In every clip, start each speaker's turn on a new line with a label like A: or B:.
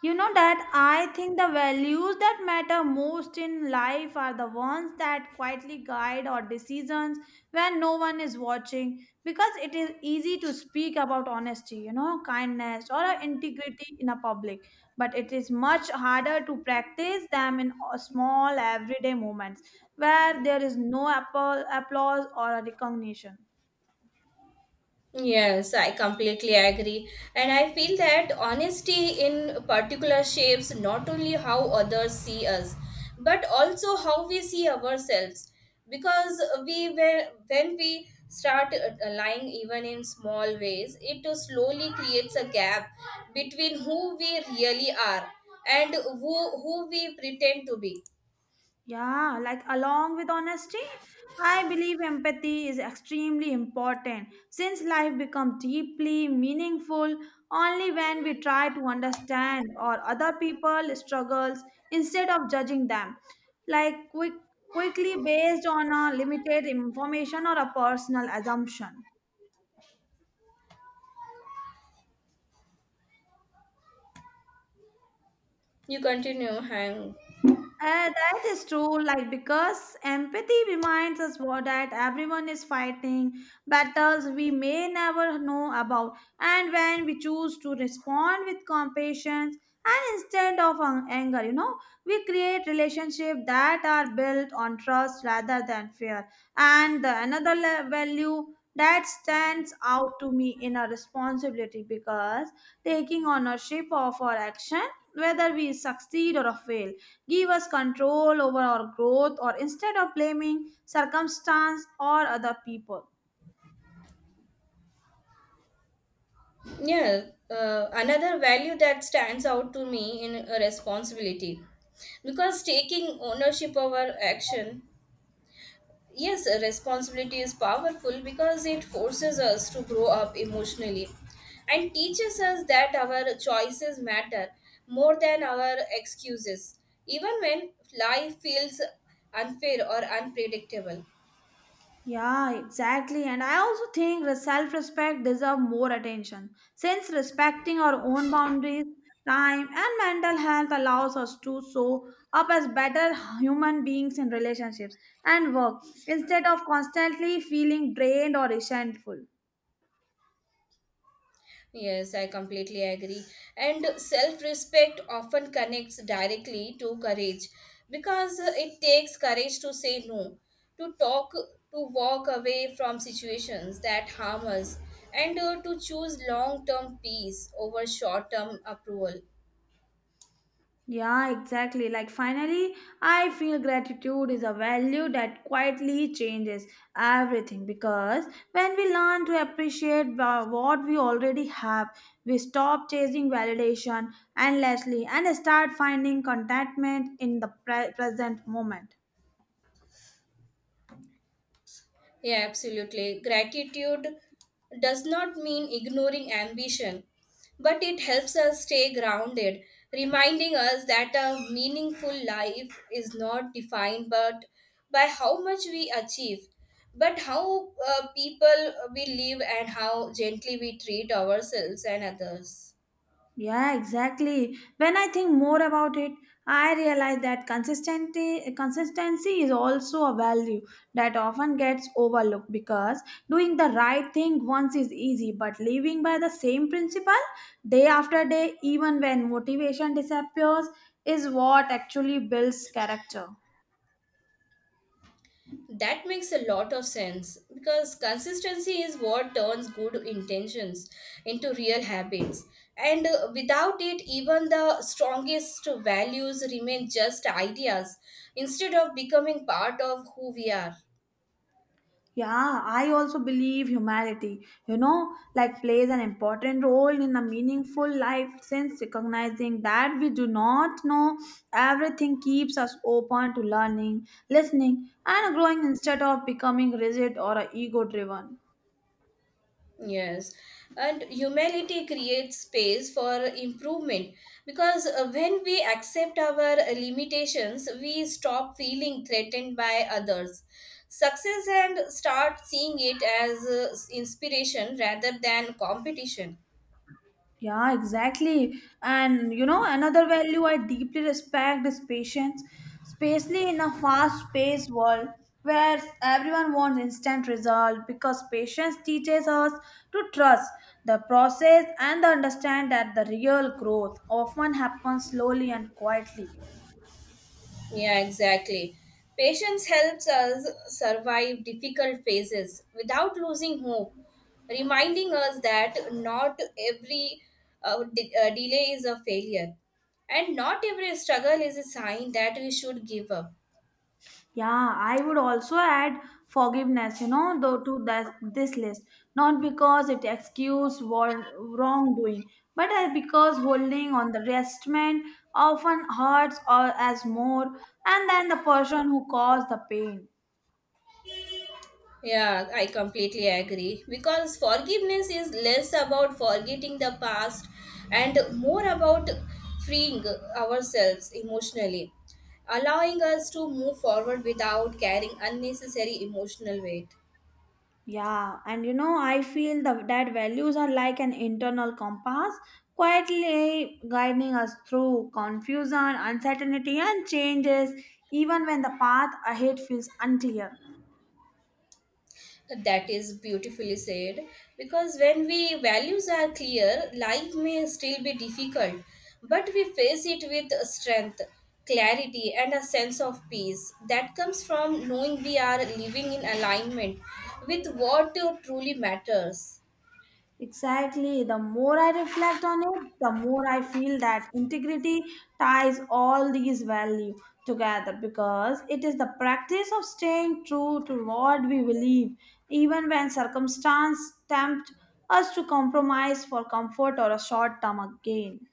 A: You know that I think the values that matter most in life are the ones that quietly guide our decisions when no one is watching because it is easy to speak about honesty, kindness or a integrity in a public, but it is much harder to practice them in a small everyday moments where there is no applause or a recognition.
B: Yes, I completely agree. And I feel that honesty in particular shapes not only how others see us, but also how we see ourselves. Because when we start lying even in small ways, it slowly creates a gap between who we really are and who we pretend to be.
A: Yeah, like along with honesty, I believe empathy is extremely important since life becomes deeply meaningful only when we try to understand or other people's struggles instead of judging them like quickly based on a limited information or a personal assumption.
B: You continue, hang.
A: That is true, like because empathy reminds us what that everyone is fighting battles we may never know about, and when we choose to respond with compassion and instead of anger, we create relationships that are built on trust rather than fear. And the another value that stands out to me in our responsibility because taking ownership of our action, whether we succeed or fail give us control over our growth or instead of blaming circumstance or other people.
B: Yeah, another value that stands out to me in a responsibility because taking ownership over action, yes, a responsibility is powerful because it forces us to grow up emotionally and teaches us that our choices matter more than our excuses, even when life feels unfair or unpredictable.
A: Yeah, exactly. And I also think self respect deserve more attention since respecting our own boundaries, time, and mental health allows us to show up as better human beings in relationships and work instead of constantly feeling drained or resentful.
B: Yes, I completely agree. And self respect often connects directly to courage because it takes courage to say no, to talk, to walk away from situations that harm us, and to choose long term peace over short term approval.
A: Yeah, exactly. Like finally, I feel gratitude is a value that quietly changes everything because when we learn to appreciate what we already have, we stop chasing validation endlessly and start finding contentment in the present moment.
B: Yeah, absolutely. Gratitude does not mean ignoring ambition, but it helps us stay grounded, reminding us that a meaningful life is not defined but by how much we achieve, but how people we live and how gently we treat ourselves and others.
A: Yeah, exactly. When I think more about it, I realize that consistency is also a value that often gets overlooked because doing the right thing once is easy, but living by the same principle day after day, even when motivation disappears, is what actually builds character.
B: That makes a lot of sense because consistency is what turns good intentions into real habits. And without it, even the strongest values remain just ideas instead of becoming part of who we are.
A: Yeah, I also believe humanity, like plays an important role in a meaningful life since recognizing that we do not know everything keeps us open to learning, listening, and growing instead of becoming rigid or ego driven.
B: Yes, and humility creates space for improvement because when we accept our limitations, we stop feeling threatened by others. Success and start seeing it as inspiration rather than competition.
A: Yeah, exactly. And you know, another value I deeply respect is patience, especially in a fast-paced world where everyone wants instant result because patience teaches us to trust the process and understand that the real growth often happens slowly and quietly.
B: Yeah, exactly. Patience helps us survive difficult phases without losing hope, reminding us that not every delay is a failure, and not every struggle is a sign that we should give up.
A: Yeah, I would also add forgiveness, though to that this list. Not because it excuses war wrongdoing, but as because holding on the resentment often hurts or as more, and then the person who caused the pain.
B: Yeah, I completely agree. Because forgiveness is less about forgetting the past and more about freeing ourselves emotionally, allowing us to move forward without carrying unnecessary emotional weight.
A: Yeah, and you know, I feel that values are like an internal compass, quietly guiding us through confusion, uncertainty, and changes, even when the path ahead feels unclear.
B: That is beautifully said. Because when we values are clear, life may still be difficult, but we face it with strength, clarity, and a sense of peace that comes from knowing we are living in alignment with what truly matters.
A: Exactly. The more I reflect on it, the more I feel that integrity ties all these values together because it is the practice of staying true to what we believe, even when circumstance tempt us to compromise for comfort or a short term gain.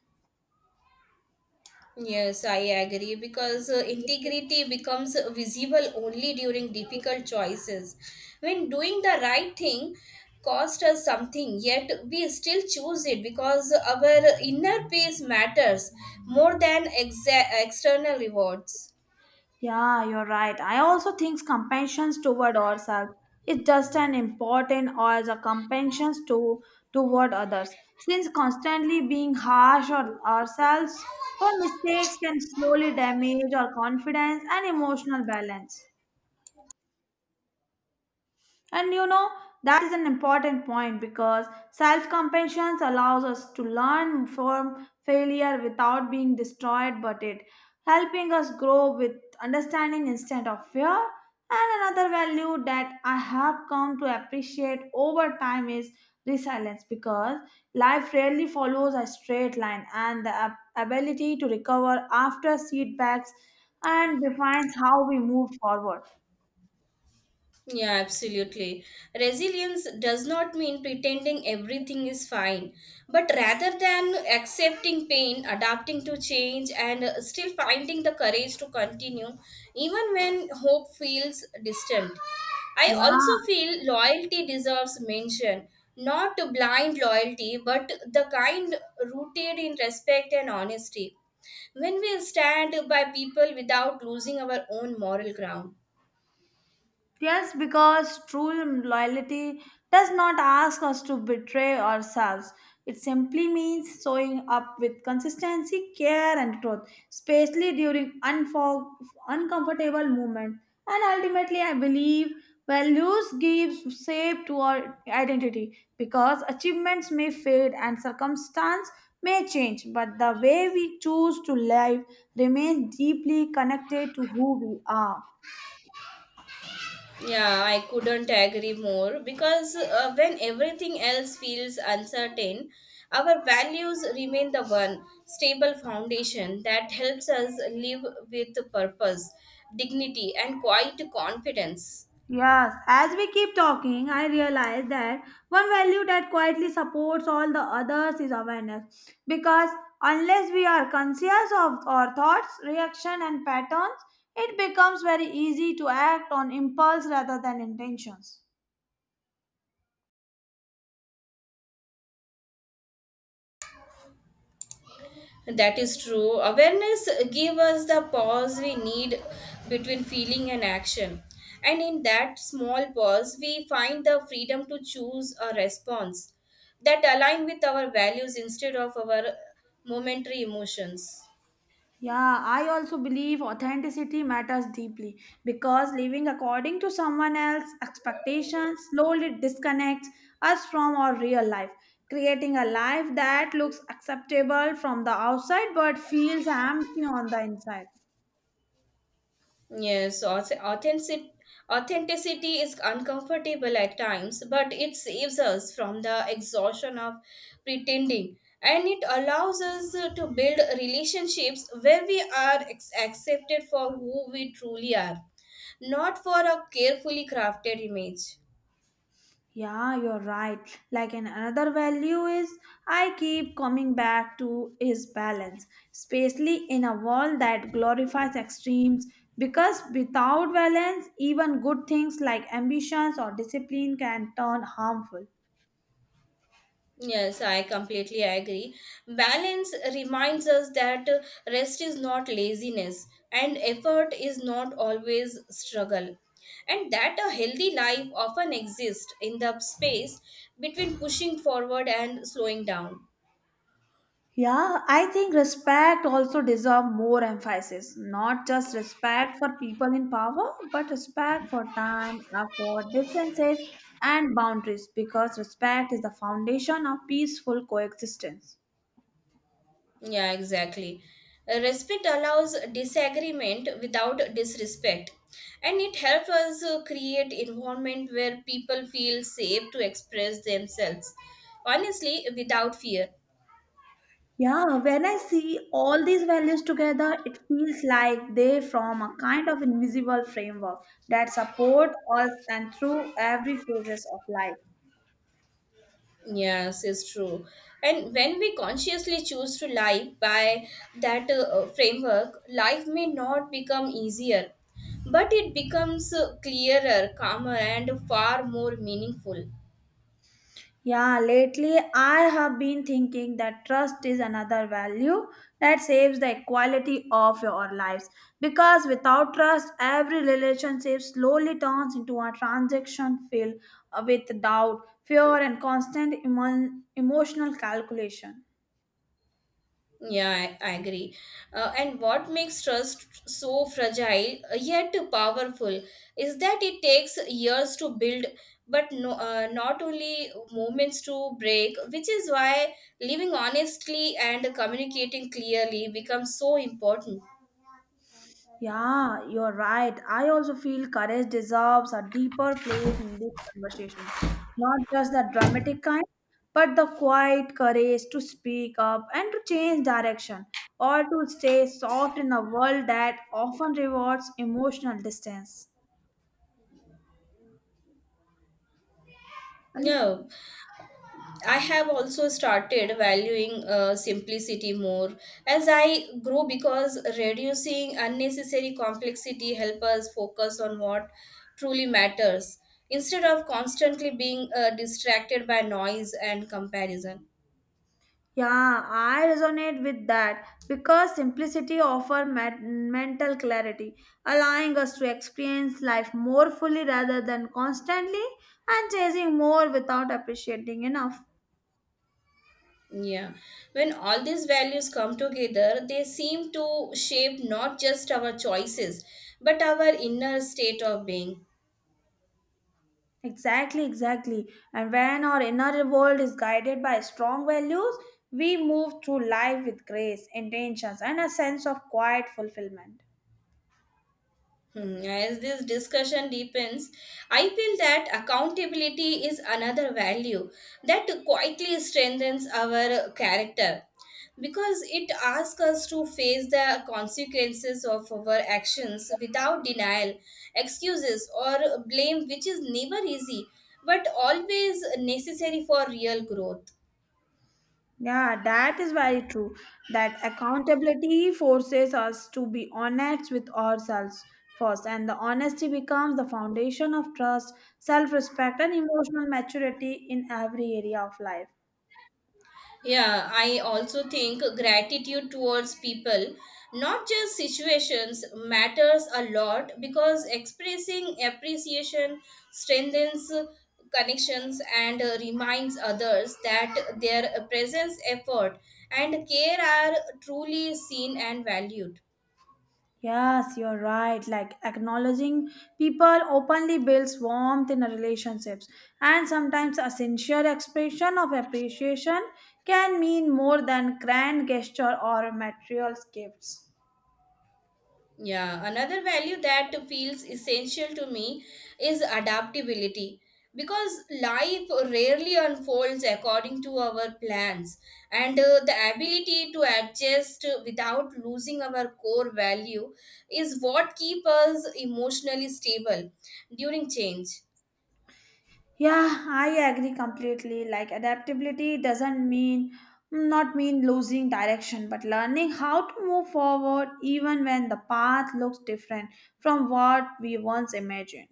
B: Yes, I agree because integrity becomes visible only during difficult choices. When doing the right thing cost us something, yet we still choose it because our inner peace matters more than external rewards.
A: Yeah, you're right. I also think compassion toward ourselves is just as important as a compassion to toward others. Since constantly being harsh on ourselves for mistakes can slowly damage our confidence and emotional balance. And you know, that is an important point because self compassion allows us to learn from failure without being destroyed, but it helping us grow with understanding instead of fear. And another value that I have come to appreciate over time is resilience because life rarely follows a straight line, and the ability to recover after setbacks and defines how we move forward.
B: Yeah, absolutely. Resilience does not mean pretending everything is fine, but rather than accepting pain, adapting to change, and still finding the courage to continue, even when hope feels distant. I also
A: Yeah.
B: feel loyalty deserves mention, not blind loyalty, but the kind rooted in respect and honesty, when we stand by people without losing our own moral ground.
A: Yes, because true loyalty does not ask us to betray ourselves. It simply means showing up with consistency, care, and truth, especially during uncomfortable moments. And ultimately, I believe values give shape to our identity because achievements may fade and circumstance may change, but the way we choose to live remains deeply connected to who we are.
B: Yeah, I couldn't agree more because when everything else feels uncertain, our values remain the one stable foundation that helps us live with purpose, dignity, and quiet confidence.
A: Yes, as we keep talking, I realize that one value that quietly supports all the others is awareness. Because unless we are conscious of our thoughts, reaction, and patterns, it becomes very easy to act on impulse rather than intentions.
B: That is true. Awareness give us the pause we need between feeling and action. And in that small pause, we find the freedom to choose a response that align with our values instead of our momentary emotions.
A: Yeah, I also believe authenticity matters deeply because living according to someone else's expectations slowly disconnects us from our real life, creating a life that looks acceptable from the outside but feels empty on the inside.
B: Yes, authenticity is uncomfortable at times, but it saves us from the exhaustion of pretending. And it allows us to build relationships where we are accepted for who we truly are, not for a carefully crafted image.
A: Yeah, you're right. Like an another value is I keep coming back to is balance, especially in a world that glorifies extremes because without balance even good things like ambitions or discipline can turn harmful.
B: Yes, I completely agree. Balance reminds us that rest is not laziness and effort is not always struggle. And that a healthy life often exists in the space between pushing forward and slowing down.
A: Yeah, I think respect also deserve more emphasis. Not just respect for people in power, but respect for time, effort, differences, and boundaries because respect is the foundation of peaceful coexistence.
B: Yeah, exactly. Respect allows disagreement without disrespect and it helps us create environment where people feel safe to express themselves honestly without fear.
A: Yeah, when I see all these values together, it feels like they form a kind of invisible framework that support us and through every phases of life.
B: Yes, it's true. And when we consciously choose to live by that framework, life may not become easier, but it becomes clearer, calmer, and far more meaningful.
A: Yeah, lately I have been thinking that trust is another value that saves the equality of your lives. Because without trust, every relationship slowly turns into a transaction filled with doubt, fear, and constant emotional calculation.
B: Yeah, I agree. And what makes trust so fragile yet powerful is that it takes years to build, but no, not only moments to break, which is why living honestly and communicating clearly becomes so important.
A: Yeah, you're right. I also feel courage deserves a deeper place in this conversation. Not just the dramatic kind, but the quiet courage to speak up and to change direction or to stay soft in a world that often rewards emotional distance. And
B: Yeah, I have also started valuing simplicity more as I grow because reducing unnecessary complexity helps us focus on what truly matters instead of constantly being distracted by noise and comparison.
A: yeah, I resonate with that because simplicity offers mental clarity, allowing us to experience life more fully rather than constantly and chasing more without appreciating enough.
B: Yeah, when all these values come together, they seem to shape not just our choices but our inner state of being.
A: Exactly, exactly. And when our inner world is guided by strong values, we move through life with grace, intentions, and a sense of quiet fulfillment.
B: Hmm. As this discussion deepens, I feel that accountability is another value that quietly strengthens our character because it asks us to face the consequences of our actions without denial, excuses, or blame, which is never easy but always necessary for real growth.
A: Yeah, that is very true. That accountability forces us to be honest with ourselves first, and the honesty becomes the foundation of trust, self respect, and emotional maturity in every area of life.
B: Yeah, I also think gratitude towards people, not just situations, matters a lot because expressing appreciation strengthens connections and reminds others that their presence, effort, and care are truly seen and valued.
A: Yes, you're right. Like acknowledging people openly builds warmth in relationships, and sometimes a sincere expression of appreciation can mean more than grand gesture or material gifts.
B: Yeah, another value that feels essential to me is adaptability because life rarely unfolds according to our plans, and the ability to adjust without losing our core value is what keeps us emotionally stable during change.
A: Yeah, I agree completely. Like adaptability doesn't mean not mean losing direction, but learning how to move forward even when the path looks different from what we once imagined.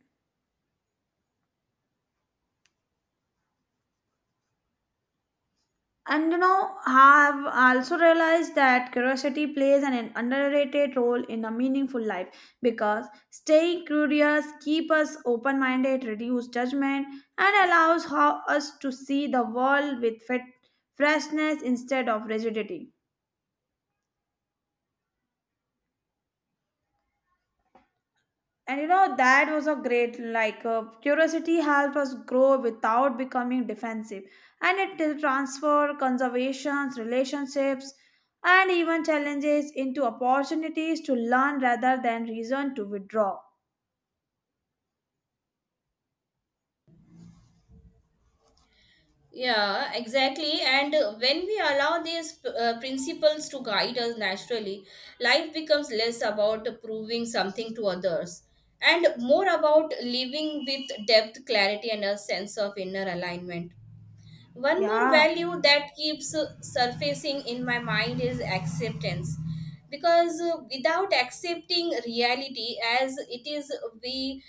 A: And you know, I've also realized that curiosity plays an underrated role in a meaningful life because staying curious keeps us open minded, reduce judgment, and allows how us to see the world with fit freshness instead of rigidity. And you know, that was a great, like, curiosity helped us grow without becoming defensive. And it did transfer conservations, relationships, and even challenges into opportunities to learn rather than reason to withdraw.
B: Yeah, exactly. And when we allow these principles to guide us naturally, life becomes less about proving something to others and more about living with depth, clarity, and a sense of inner alignment. One more
A: Yeah.
B: value that keeps surfacing in my mind is acceptance. Because without accepting reality as it is, we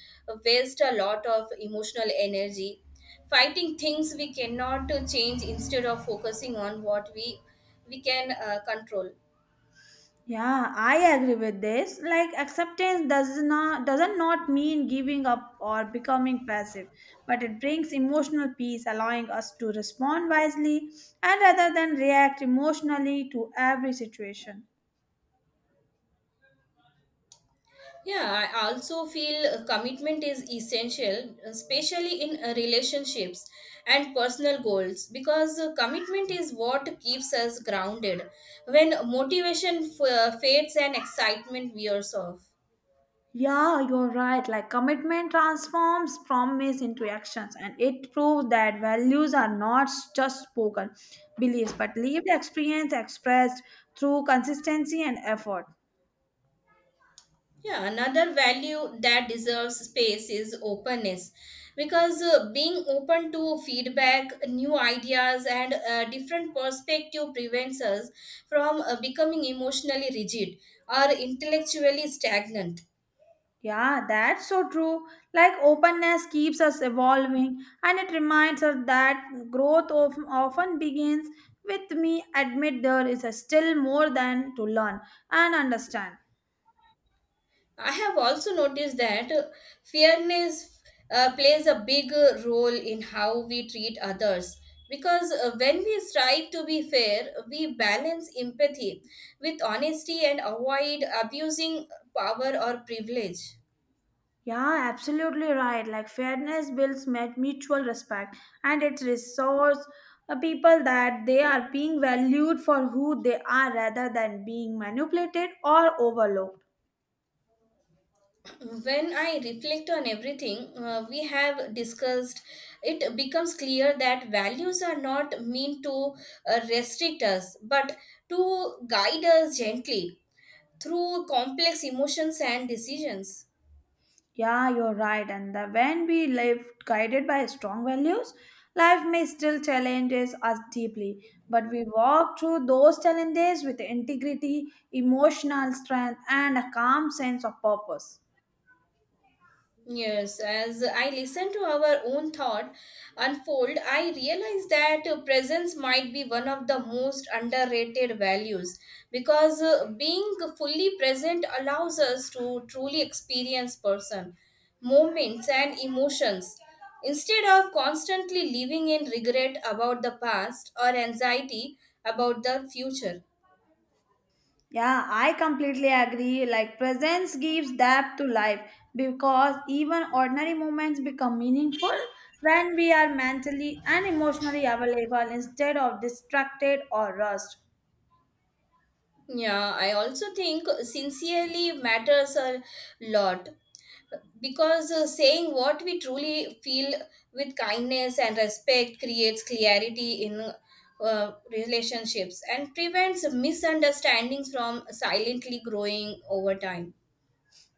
B: waste a lot of emotional energy fighting things we cannot change instead of focusing on what we can control.
A: Yeah, I agree with this. Like acceptance does not doesn't not mean giving up or becoming passive, but it brings emotional peace, allowing us to respond wisely and rather than react emotionally to every situation.
B: Yeah, I also feel commitment is essential, especially in relationships and personal goals, because commitment is what keeps us grounded when motivation fades and excitement wears off.
A: Yeah, you're right. Like commitment transforms promise into actions and it proves that values are not just spoken beliefs but lived experience expressed through consistency and effort.
B: Yeah, another value that deserves space is openness because being open to feedback, new ideas, and different perspective prevents us from becoming emotionally rigid or intellectually stagnant.
A: Yeah, that's so true. Like openness keeps us evolving and it reminds us that often begins with me admit there is a still more than to learn and understand.
B: I have also noticed that fairness plays a big role in how we treat others. Because when we strive to be fair, we balance empathy with honesty and avoid abusing power or privilege.
A: Yeah, absolutely right. Like fairness builds met mutual respect and it restores people that they are being valued for who they are rather than being manipulated or overlooked.
B: When I reflect on everything we have discussed, it becomes clear that values are not meant to restrict us but to guide us gently through complex emotions and decisions.
A: Yeah, you're right. And when we live guided by strong values, life may still challenges us deeply, but we walk through those challenges with integrity, emotional strength, and a calm sense of purpose.
B: Yes, as I listen to our own thought unfold, I realize that presence might be one of the most underrated values because being fully present allows us to truly experience person, moments, and emotions, instead of constantly living in regret about the past or anxiety about the future.
A: Yeah, I completely agree. Like presence gives depth to life because even ordinary moments become meaningful when we are mentally and emotionally available instead of distracted or rushed.
B: Yeah, I also think sincerely matters a lot because saying what we truly feel with kindness and respect creates clarity in relationships and prevents misunderstandings from silently growing over time.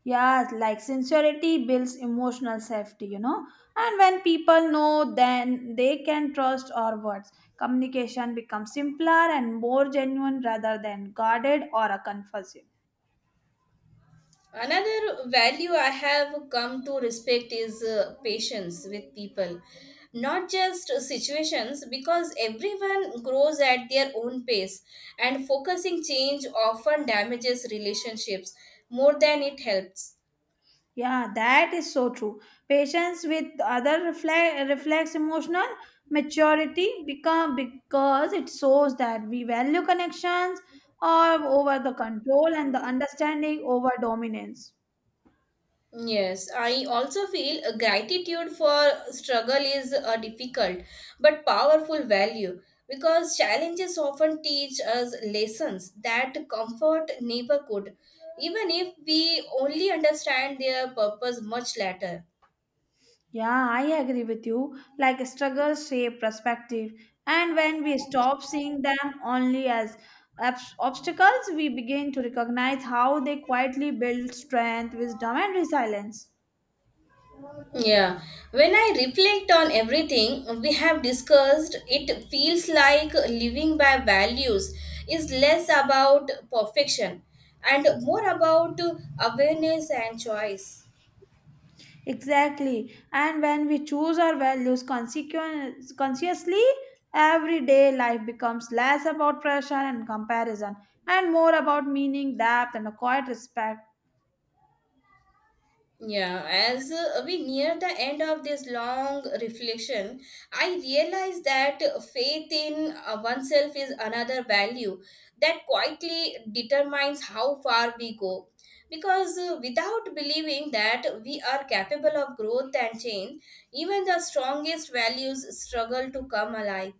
A: Yeah, like sincerity builds emotional safety, you know. And when people know, then they can trust our words. Communication becomes simpler and more genuine rather than guarded or a confusing.
B: Another value I have come to respect is patience with people, not just situations, because everyone grows at their own pace, and focusing change often damages relationships more than it helps.
A: Yeah, that is so true. Patience with other reflects emotional maturity become because it shows that we value connections or over the control and the understanding over dominance.
B: Yes, I also feel a gratitude for struggle is a difficult but powerful value because challenges often teach us lessons that comfort never could, even if we only understand their purpose much later.
A: Yeah, I agree with you. Like struggles shape perspective, and when we stop seeing them only as obstacles, we begin to recognize how they quietly build strength, wisdom, and resilience.
B: Yeah, when I reflect on everything we have discussed, it feels like living by values is less about perfection and more about awareness and choice.
A: Exactly. And when we choose our values consciously, everyday life becomes less about pressure and comparison and more about meaning, depth, and a quiet respect.
B: Yeah, as we near the end of this long reflection, I realize that faith in oneself is another value that quietly determines how far we go. Because without believing that we are capable of growth and change, even the strongest values struggle to come alive.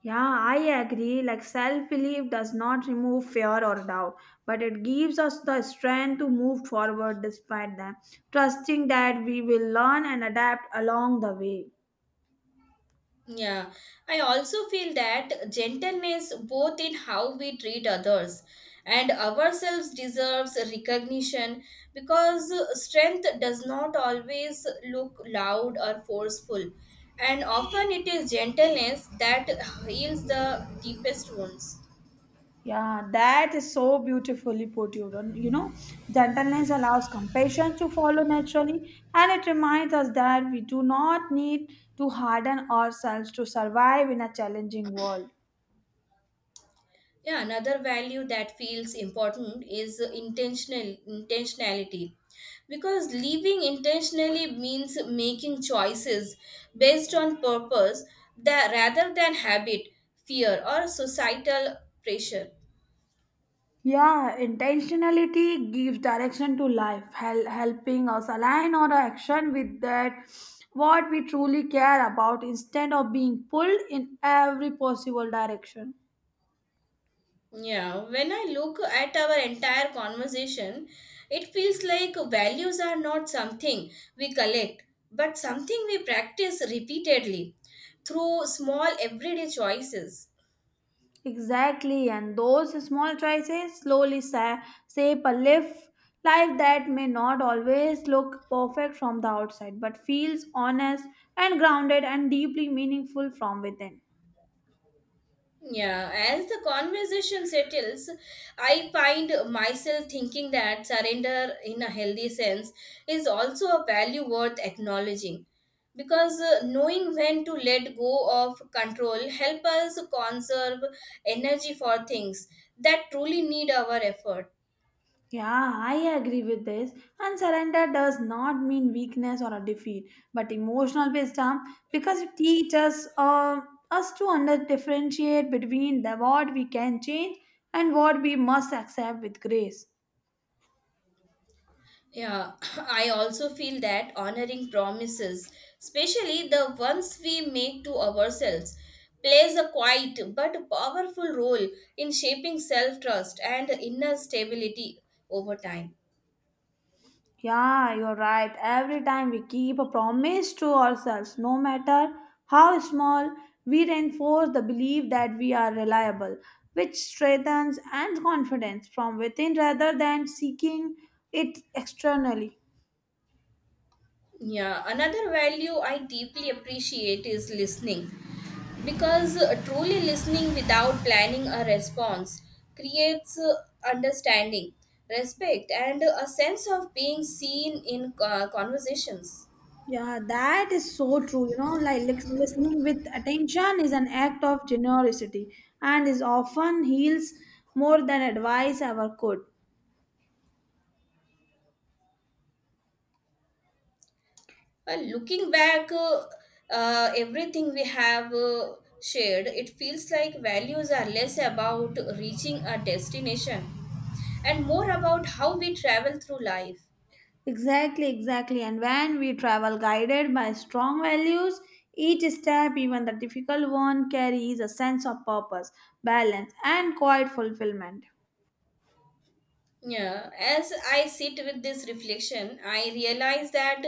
A: Yeah, I agree. Like self belief does not remove fear or doubt, but it gives us the strength to move forward despite them, trusting that we will learn and adapt along the way.
B: Yeah, I also feel that gentleness, both in how we treat others and ourselves, deserves recognition because strength does not always look loud or forceful, and often it is gentleness that heals the deepest wounds.
A: Yeah, that is so beautifully put, you don't you know, gentleness allows compassion to follow naturally, and it reminds us that we do not need to harden ourselves to survive in a challenging world.
B: Yeah, another value that feels important is intentionality. Because living intentionally means making choices based on purpose that rather than habit, fear or societal pressure.
A: Yeah, intentionality gives direction to life, helping us align our action with that what we truly care about instead of being pulled in every possible direction.
B: Yeah, when I look at our entire conversation, it feels like values are not something we collect, but something we practice repeatedly through small everyday choices.
A: Exactly, and those small choices slowly shape a life, life that may not always look perfect from the outside but feels honest and grounded and deeply meaningful from within.
B: Yeah, as the conversation settles, I find myself thinking that surrender in a healthy sense is also a value worth acknowledging because knowing when to let go of control help us conserve energy for things that truly need our effort.
A: Yeah, I agree with this. And surrender does not mean weakness or a defeat, but emotional wisdom because it teaches us to under differentiate between the what we can change and what we must accept with grace.
B: Yeah, I also feel that honoring promises, especially the ones we make to ourselves, plays a quiet but powerful role in shaping self trust and inner stability over time.
A: Yeah, you're right. Every time we keep a promise to ourselves, no matter how small, we reinforce the belief that we are reliable, which strengthens and confidence from within rather than seeking it externally.
B: Yeah, another value I deeply appreciate is listening because truly listening without planning a response creates understanding, respect, and a sense of being seen in conversations.
A: Yeah, that is so true. You know, like listening with attention is an act of generosity and is often heals more than advice ever could.
B: Well, looking back, everything we have shared, it feels like values are less about reaching a destination and more about how we travel through life.
A: Exactly, exactly. And when we travel guided by strong values, each step, even the difficult one, carries a sense of purpose, balance, and quiet fulfillment.
B: Yeah, as I sit with this reflection, I realize that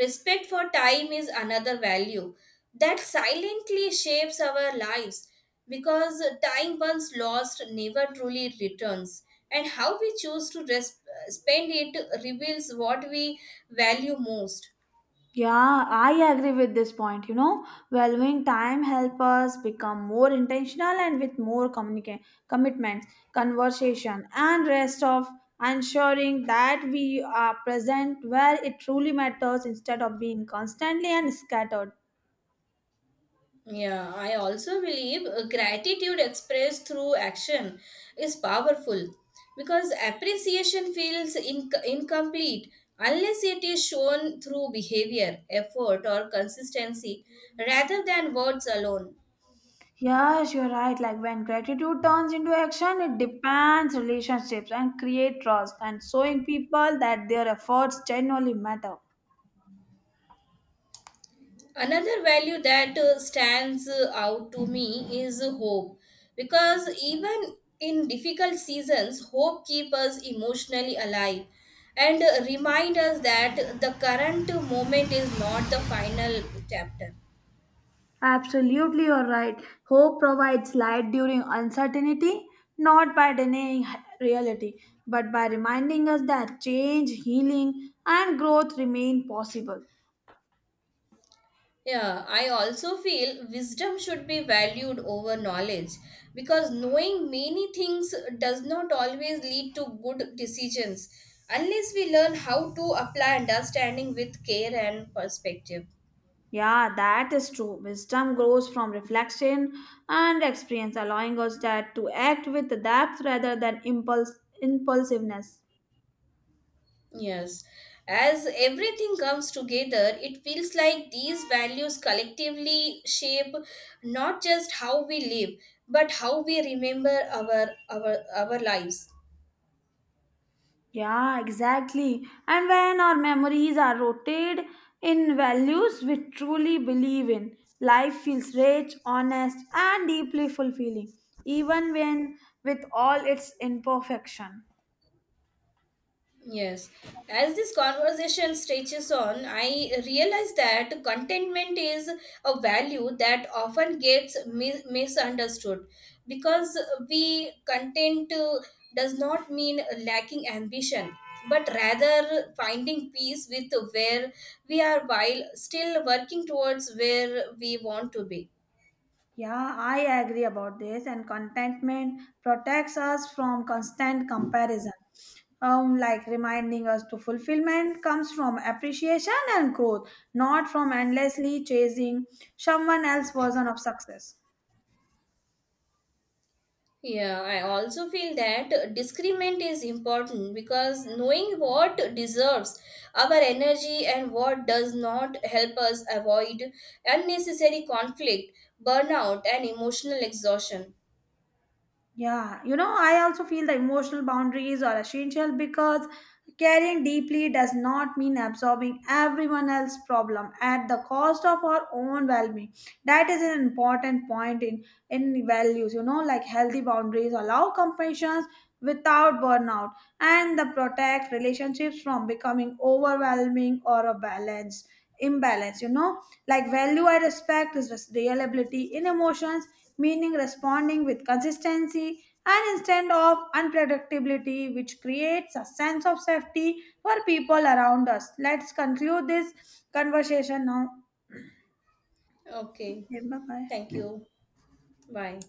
B: respect for time is another value that silently shapes our lives because time once lost never truly returns, and how we choose to spend it reveals what we value most.
A: Yeah, I agree with this point. You know, valuing time help us become more intentional and with more commitments, conversation, and rest of ensuring that we are present where it truly matters instead of being constantly and scattered.
B: Yeah, I also believe gratitude expressed through action is powerful because appreciation feels incomplete unless it is shown through behavior, effort, or consistency rather than words alone.
A: Yes, you're right. Like when gratitude turns into action, it depends relationships and create trust and showing people that their efforts genuinely matter.
B: Another value that stands out to me is hope because even in difficult seasons, hope keeps us emotionally alive and remind us that the current moment is not the final chapter.
A: Absolutely, you're right. Hope provides light during uncertainty, not by denying reality, but by reminding us that change, healing, and growth remain possible.
B: Yeah, I also feel wisdom should be valued over knowledge because knowing many things does not always lead to good decisions unless we learn how to apply understanding with care and perspective.
A: Yeah, that is true. Wisdom grows from reflection and experience, allowing us that to act with depth rather than impulse impulsiveness.
B: Yes. As everything comes together, it feels like these values collectively shape not just how we live, but how we remember our lives.
A: Yeah, exactly. And when our memories are rooted in values we truly believe in, life feels rich, honest, and deeply fulfilling, even when with all its imperfection.
B: Yes. As this conversation stretches on, I realize that contentment is a value that often gets misunderstood because we content does not mean lacking ambition, but rather finding peace with where we are while still working towards where we want to be.
A: Yeah, I agree about this. And contentment protects us from constant comparison. Like reminding us to fulfillment comes from appreciation and growth, not from endlessly chasing someone else's version of success.
B: Yeah, I also feel that discernment is important because knowing what deserves our energy and what does not help us avoid unnecessary conflict, burnout, and emotional exhaustion.
A: Yeah, you know, I also feel the emotional boundaries are essential because caring deeply does not mean absorbing everyone else's problem at the cost of our own well-being. That is an important point in values. You know, like healthy boundaries allow compassion without burnout and the protect relationships from becoming overwhelming or a balance imbalance, you know, like value I respect is reliability in emotions, meaning responding with consistency and instead of unpredictability, which creates a sense of safety for people around us. Let's conclude this conversation now.
B: Okay,
A: Okay, bye
B: thank
A: bye.
B: you. Bye.